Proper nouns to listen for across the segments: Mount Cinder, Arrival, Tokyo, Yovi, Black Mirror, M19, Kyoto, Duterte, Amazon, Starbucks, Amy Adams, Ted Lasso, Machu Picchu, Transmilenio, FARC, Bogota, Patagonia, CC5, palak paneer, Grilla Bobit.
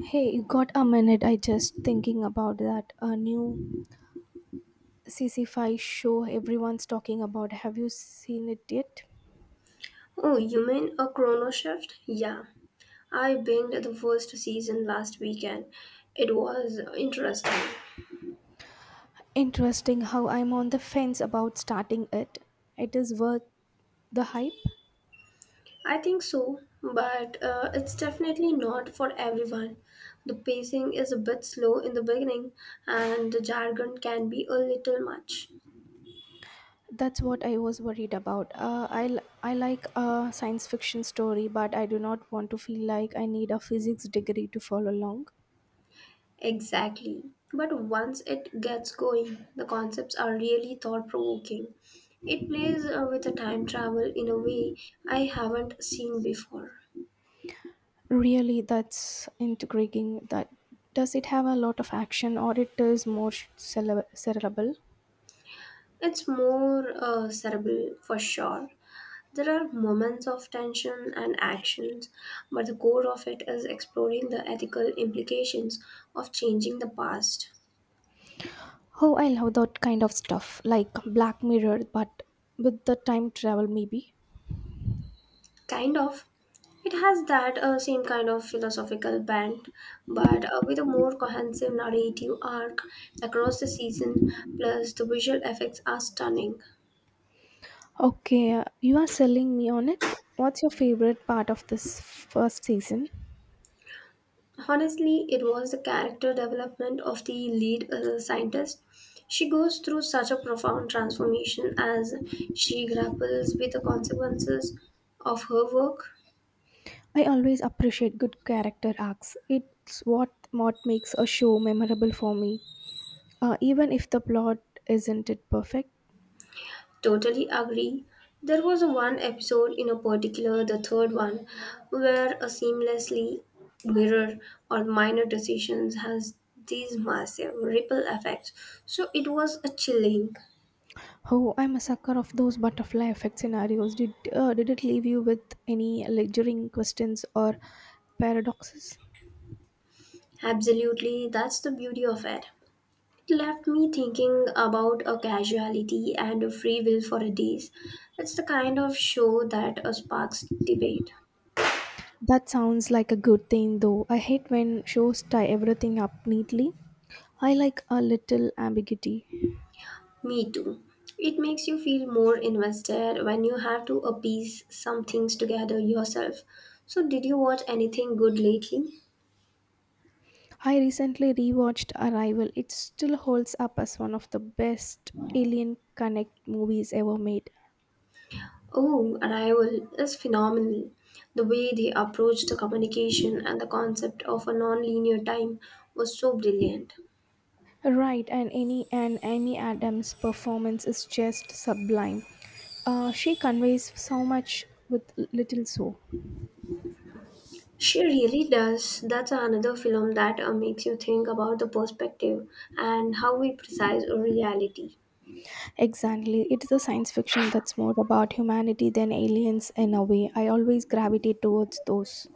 Hey, you got a minute? I just thinking about that a new C C 5 show everyone's talking about. Have you seen it yet? Oh, you mean a chrono shift? Yeah. I binged the first season last weekend. It was interesting. Interesting how I'm on the fence about starting it. It is worth the hype. I think so, but it's definitely not for everyone. The pacing is a bit slow in the beginning, and the jargon can be a little much. That's what I was worried about. I like a science fiction story, but I do not want to feel like I need a physics degree to follow along. Exactly. But once it gets going, the concepts are really thought provoking. It plays with the time travel in a way I haven't seen before. Really, that's intriguing. That does it have a lot of action, or it is more cerebral? It's more cerebral for sure. There are moments of tension and actions, but the core of it is exploring the ethical implications of changing the past. Oh, I love that kind of stuff, like Black Mirror, but with the time travel, maybe. Kind of. It has that same kind of philosophical bent, but with a more cohesive narrative arc across the season, plus the visual effects are stunning. Okay, you are selling me on it. What's your favorite part of this first season? Honestly, it was the character development of the lead scientist. She goes through such a profound transformation as she grapples with the consequences of her work. I always appreciate good character arcs. It's what makes a show memorable for me, even if the plot isn't it perfect. Totally agree. There was one episode in a particular, the third one, where a seamlessly mirror or minor decisions has these massive ripple effects. So it was a chilling. Oh, I'm a sucker of those butterfly effect scenarios. Did it leave you with any lingering questions or paradoxes? Absolutely, that's the beauty of it. It left me thinking about a casuality and a free will for a days. It's the kind of show that sparks debate. That sounds like a good thing though. I hate when shows tie everything up neatly. I like a little ambiguity. Me too. It makes you feel more invested when you have to appease some things together yourself. So, did you watch anything good lately? I recently rewatched Arrival. It still holds up as one of the best alien connect movies ever made. Oh, Arrival is phenomenal. The way they approached the communication and the concept of a non-linear time was so brilliant. Right, and Amy Adams' performance is just sublime. She conveys so much with little so. She really does. That's another film that makes you think about the perspective and how we precise reality. Exactly. It's the science fiction that's more about humanity than aliens in a way. I always gravitate towards those.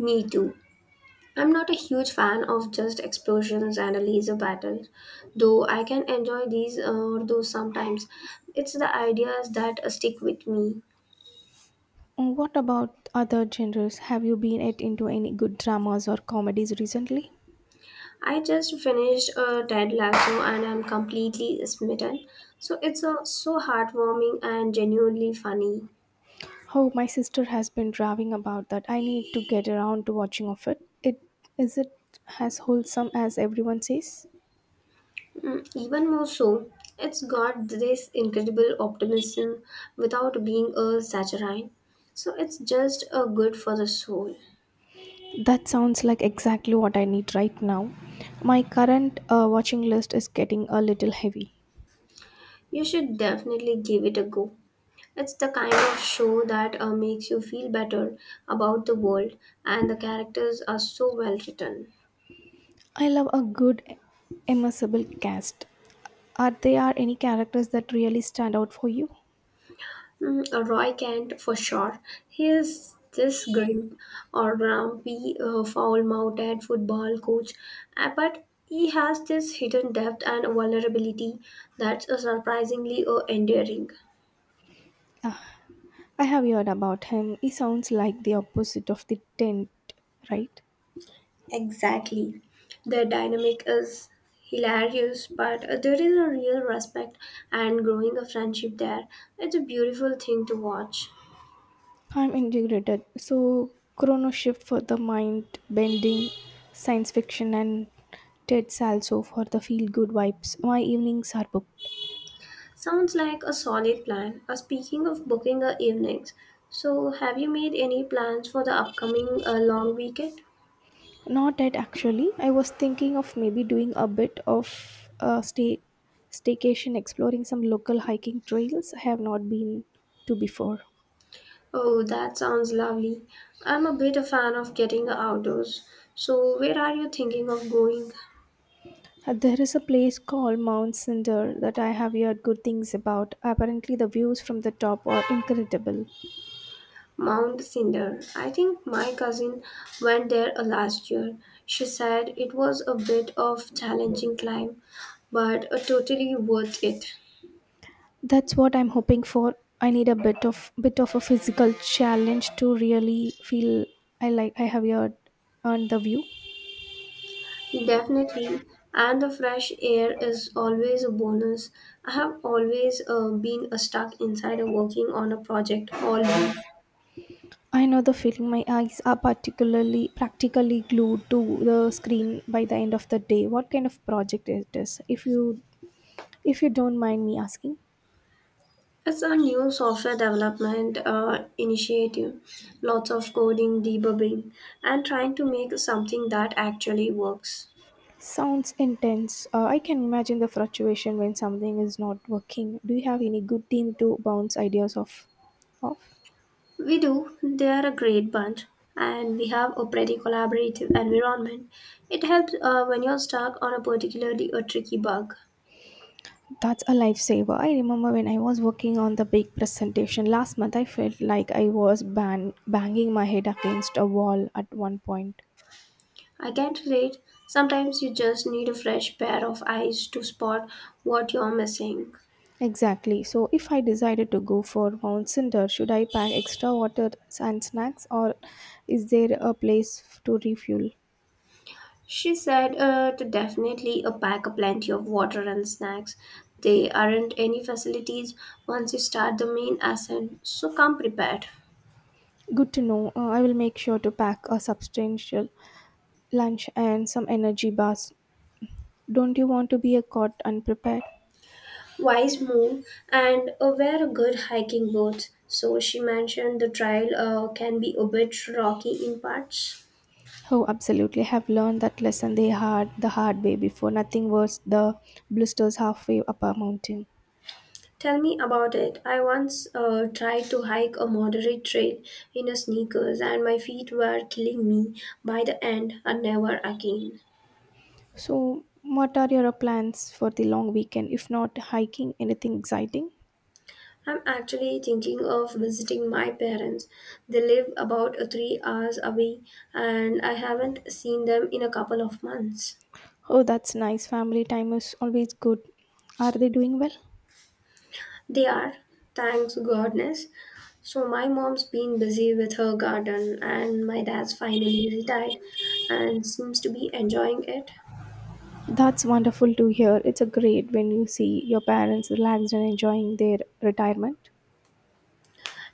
Me too. I'm not a huge fan of just explosions and a laser battle, though I can enjoy these or those sometimes. It's the ideas that stick with me. What about other genres? Have you been at into any good dramas or comedies recently? I just finished Ted Lasso, and I'm completely smitten. So it's so heartwarming and genuinely funny. Oh, my sister has been raving about that. I need to get around to watching of it. It is it as wholesome as everyone says? Mm, even more so, it's got this incredible optimism without being a saturnine. So it's just a good for the soul. That sounds like exactly what I need right now. My current watching list is getting a little heavy. You should definitely give it a go. It's the kind of show that makes you feel better about the world, and the characters are so well written. I love a good immersible cast. Are there any characters that really stand out for you? Mm, Roy can't for sure. He is this grim, or grumpy, foul-mouthed football coach, but he has this hidden depth and vulnerability that's surprisingly endearing. I have heard about him. He sounds like the opposite of the tent, right? Exactly. The dynamic is hilarious, but there is a real respect and growing a friendship there. It's a beautiful thing to watch. I'm integrated. So, chrono shift for the mind bending science fiction and Ted Salso for the feel good vibes. My evenings are booked. Sounds like a solid plan. Speaking of booking evenings, so have you made any plans for the upcoming long weekend? Not yet, actually. I was thinking of maybe doing a bit of a staycation exploring some local hiking trails I have not been to before. Oh, that sounds lovely. I'm a bit a fan of getting outdoors. So where are you thinking of going? There is a place called Mount Cinder that I have heard good things about. Apparently, the views from the top are incredible. Mount Cinder. I think my cousin went there last year. She said it was a bit of challenging climb, but totally worth it. That's what I'm hoping for. I need a bit of a physical challenge to really feel I like I have heard earned the view. Definitely, and the fresh air is always a bonus. I have always been stuck inside or working on a project all week. I know the feeling. My eyes are particularly practically glued to the screen by the end of the day. What kind of project it is? If you don't mind me asking. It's a new software development initiative, lots of coding, debugging, and trying to make something that actually works. Sounds intense. I can imagine the frustration when something is not working. Do you have any good team to bounce ideas off? We do, they are a great bunch, and we have a pretty collaborative environment. It helps when you're stuck on a particularly a tricky bug. That's a lifesaver. I remember when I was working on the big presentation last month, I felt like I was banging my head against a wall at one point. I can not relate. Sometimes you just need a fresh pair of eyes to spot what you're missing. Exactly. So, if I decided to go for Mount Cinder, should I pack extra water and snacks, or is there a place to refuel? She said to definitely pack a plenty of water and snacks. There aren't any facilities once you start the main ascent, so come prepared. Good to know. I will make sure to pack a substantial lunch and some energy bars. Don't you want to be a caught unprepared? Wise move, and wear a good hiking boots. So she mentioned the trail can be a bit rocky in parts. Oh, absolutely. Have learned that lesson they had the hard way before. Nothing worse the blisters halfway up a mountain. Tell me about it. I once tried to hike a moderate trail in a sneakers, and my feet were killing me by the end, and never again. So, what are your plans for the long weekend? If not hiking, anything exciting? I'm actually thinking of visiting my parents. They live about 3 hours away, and I haven't seen them in a couple of months. Oh, that's nice. Family time is always good. Are they doing well? They are, thanks goodness. So, my mom's been busy with her garden, and my dad's finally retired and seems to be enjoying it. That's wonderful to hear. It's a great when you see your parents relaxed and enjoying their retirement.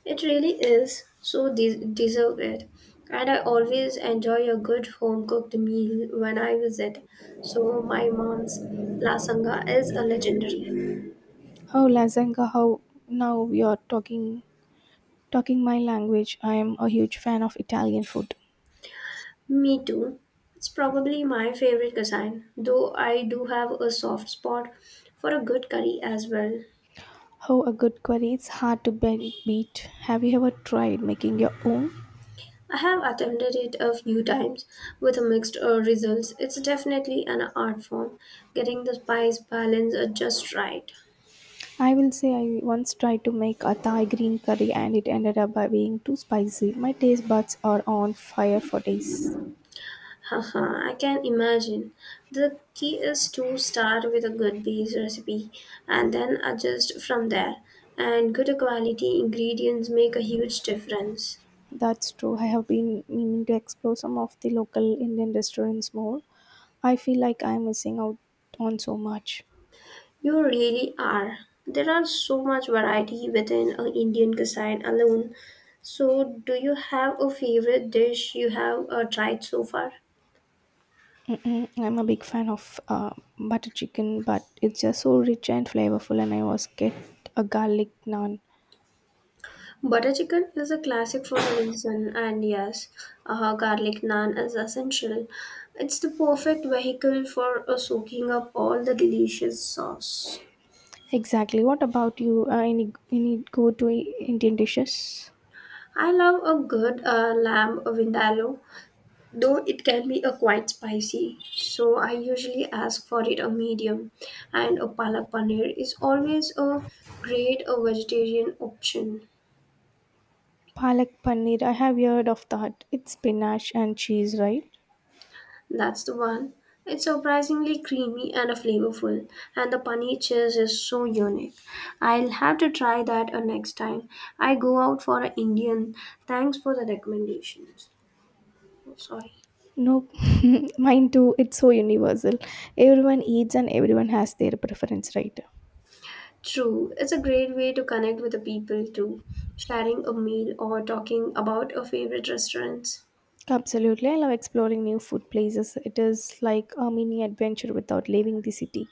It really is, so deserve it. And I always enjoy a good home cooked meal when I visit, so my mom's lasanga is a legendary. Oh, Lazanga, how now we are talking my language, I am a huge fan of Italian food. Me too. It's probably my favorite cuisine, though I do have a soft spot for a good curry as well. How a good curry It's hard to beat. Have you ever tried making your own? I have attempted it a few times with a mixed results. It's definitely an art form, getting the spice balance just right. I will say I once tried to make a Thai green curry and it ended up by being too spicy. My taste buds are on fire for days. Haha, I can imagine. The key is to start with a good base recipe and then adjust from there. And good quality ingredients make a huge difference. That's true. I have been meaning to explore some of the local Indian restaurants more. I feel like I'm missing out on so much. You really are. There are so much variety within a Indian cuisine alone. So, do you have a favorite dish you have tried so far? Mm-mm, I'm a big fan of butter chicken, but it's just so rich and flavorful, and I was get a garlic naan. Butter chicken is a classic for a reason, and yes, garlic naan is essential. It's the perfect vehicle for soaking up all the delicious sauce. Exactly. What about you? Any go-to Indian dishes? I love a good lamb vindaloo, though it can be a quite spicy. So I usually ask for it a medium, and a palak paneer is always a great a vegetarian option. Palak paneer. I have heard of that. It's spinach and cheese, right? That's the one. It's surprisingly creamy and flavorful, and the paneer cheese is so unique. I'll have to try that next time I go out for an Indian. Thanks for the recommendations. Oh, sorry. Nope. Mine too. It's so universal. Everyone eats and everyone has their preference, right? True, it's a great way to connect with the people too, sharing a meal or talking about a favorite restaurants. Absolutely. I love exploring new food places. It is like a mini adventure without leaving the city.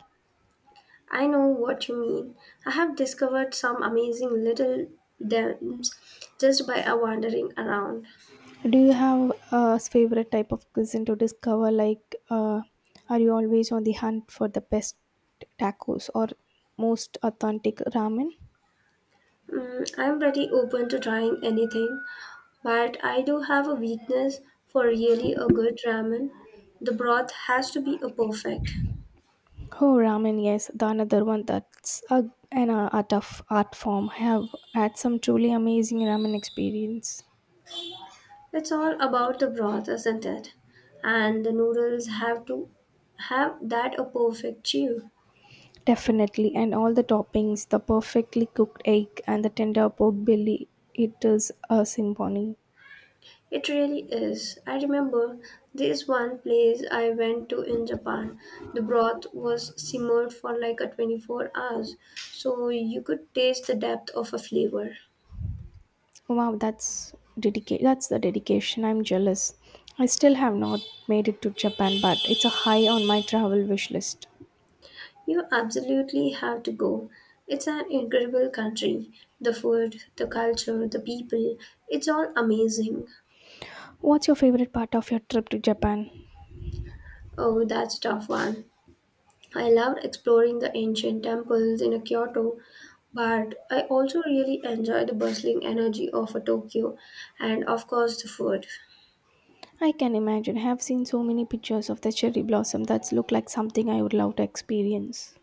I know what you mean. I have discovered some amazing little dens just by wandering around. Do you have a favorite type of cuisine to discover? Like, are you always on the hunt for the best tacos or most authentic ramen? Mm, I'm pretty open to trying anything, but I do have a weakness for really a good ramen. The broth has to be a perfect. Oh, ramen, yes, the another one that's a, an art of art form. I have had some truly amazing ramen experience. It's all about the broth, isn't it? And the noodles have to have that a perfect chew. Definitely, and all the toppings, the perfectly cooked egg and the tender pork belly, it is a symphony. It really is. I remember this one place I went to in Japan. The broth was simmered for like a 24 hours, so you could taste the depth of a flavor. Wow, that's that's the dedication. I'm jealous. I still have not made it to Japan, but it's a high on my travel wish list. You absolutely have to go. It's an incredible country. The food, the culture, the people, it's all amazing. What's your favorite part of your trip to Japan? Oh, that's a tough one. I loved exploring the ancient temples in Kyoto, but I also really enjoy the bustling energy of a Tokyo and, of course, the food. I can imagine. I have seen so many pictures of the cherry blossom That's look like something I would love to experience.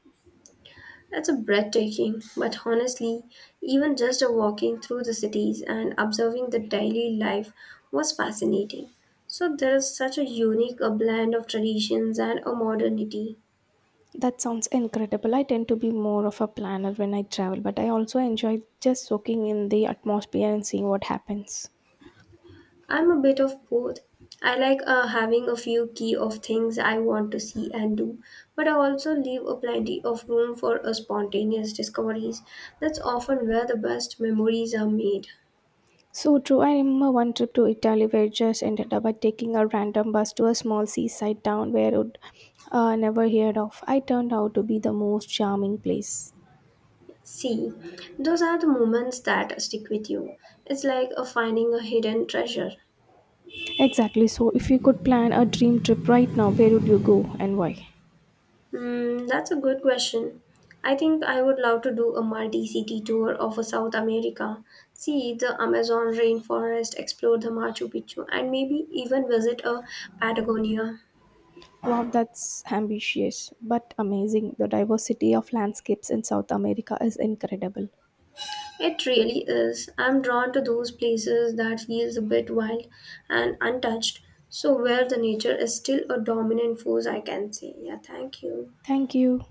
That's a breathtaking, but honestly, even just a walking through the cities and observing the daily life was fascinating. So there is such a unique a blend of traditions and a modernity. That sounds incredible. I tend to be more of a planner when I travel, but I also enjoy just soaking in the atmosphere and seeing what happens. I'm a bit of both. I like having a few key of things I want to see and do, but I also leave a plenty of room for a spontaneous discoveries. That's often where the best memories are made. So true. I remember one trip to Italy where it just ended up by taking a random bus to a small seaside town where I'd never heard of. I turned out to be the most charming place. See, those are the moments that stick with you. It's like a finding a hidden treasure. Exactly. So, if you could plan a dream trip right now, where would you go and why? Hmm, that's a good question. I think I would love to do a multi city tour of South America, see the Amazon rainforest, explore the Machu Picchu, and maybe even visit a Patagonia. Wow, that's ambitious but amazing. The diversity of landscapes in South America is incredible. It really is. I'm drawn to those places that feels a bit wild and untouched, so where the nature is still a dominant force, I can say. Yeah, thank you. Thank you.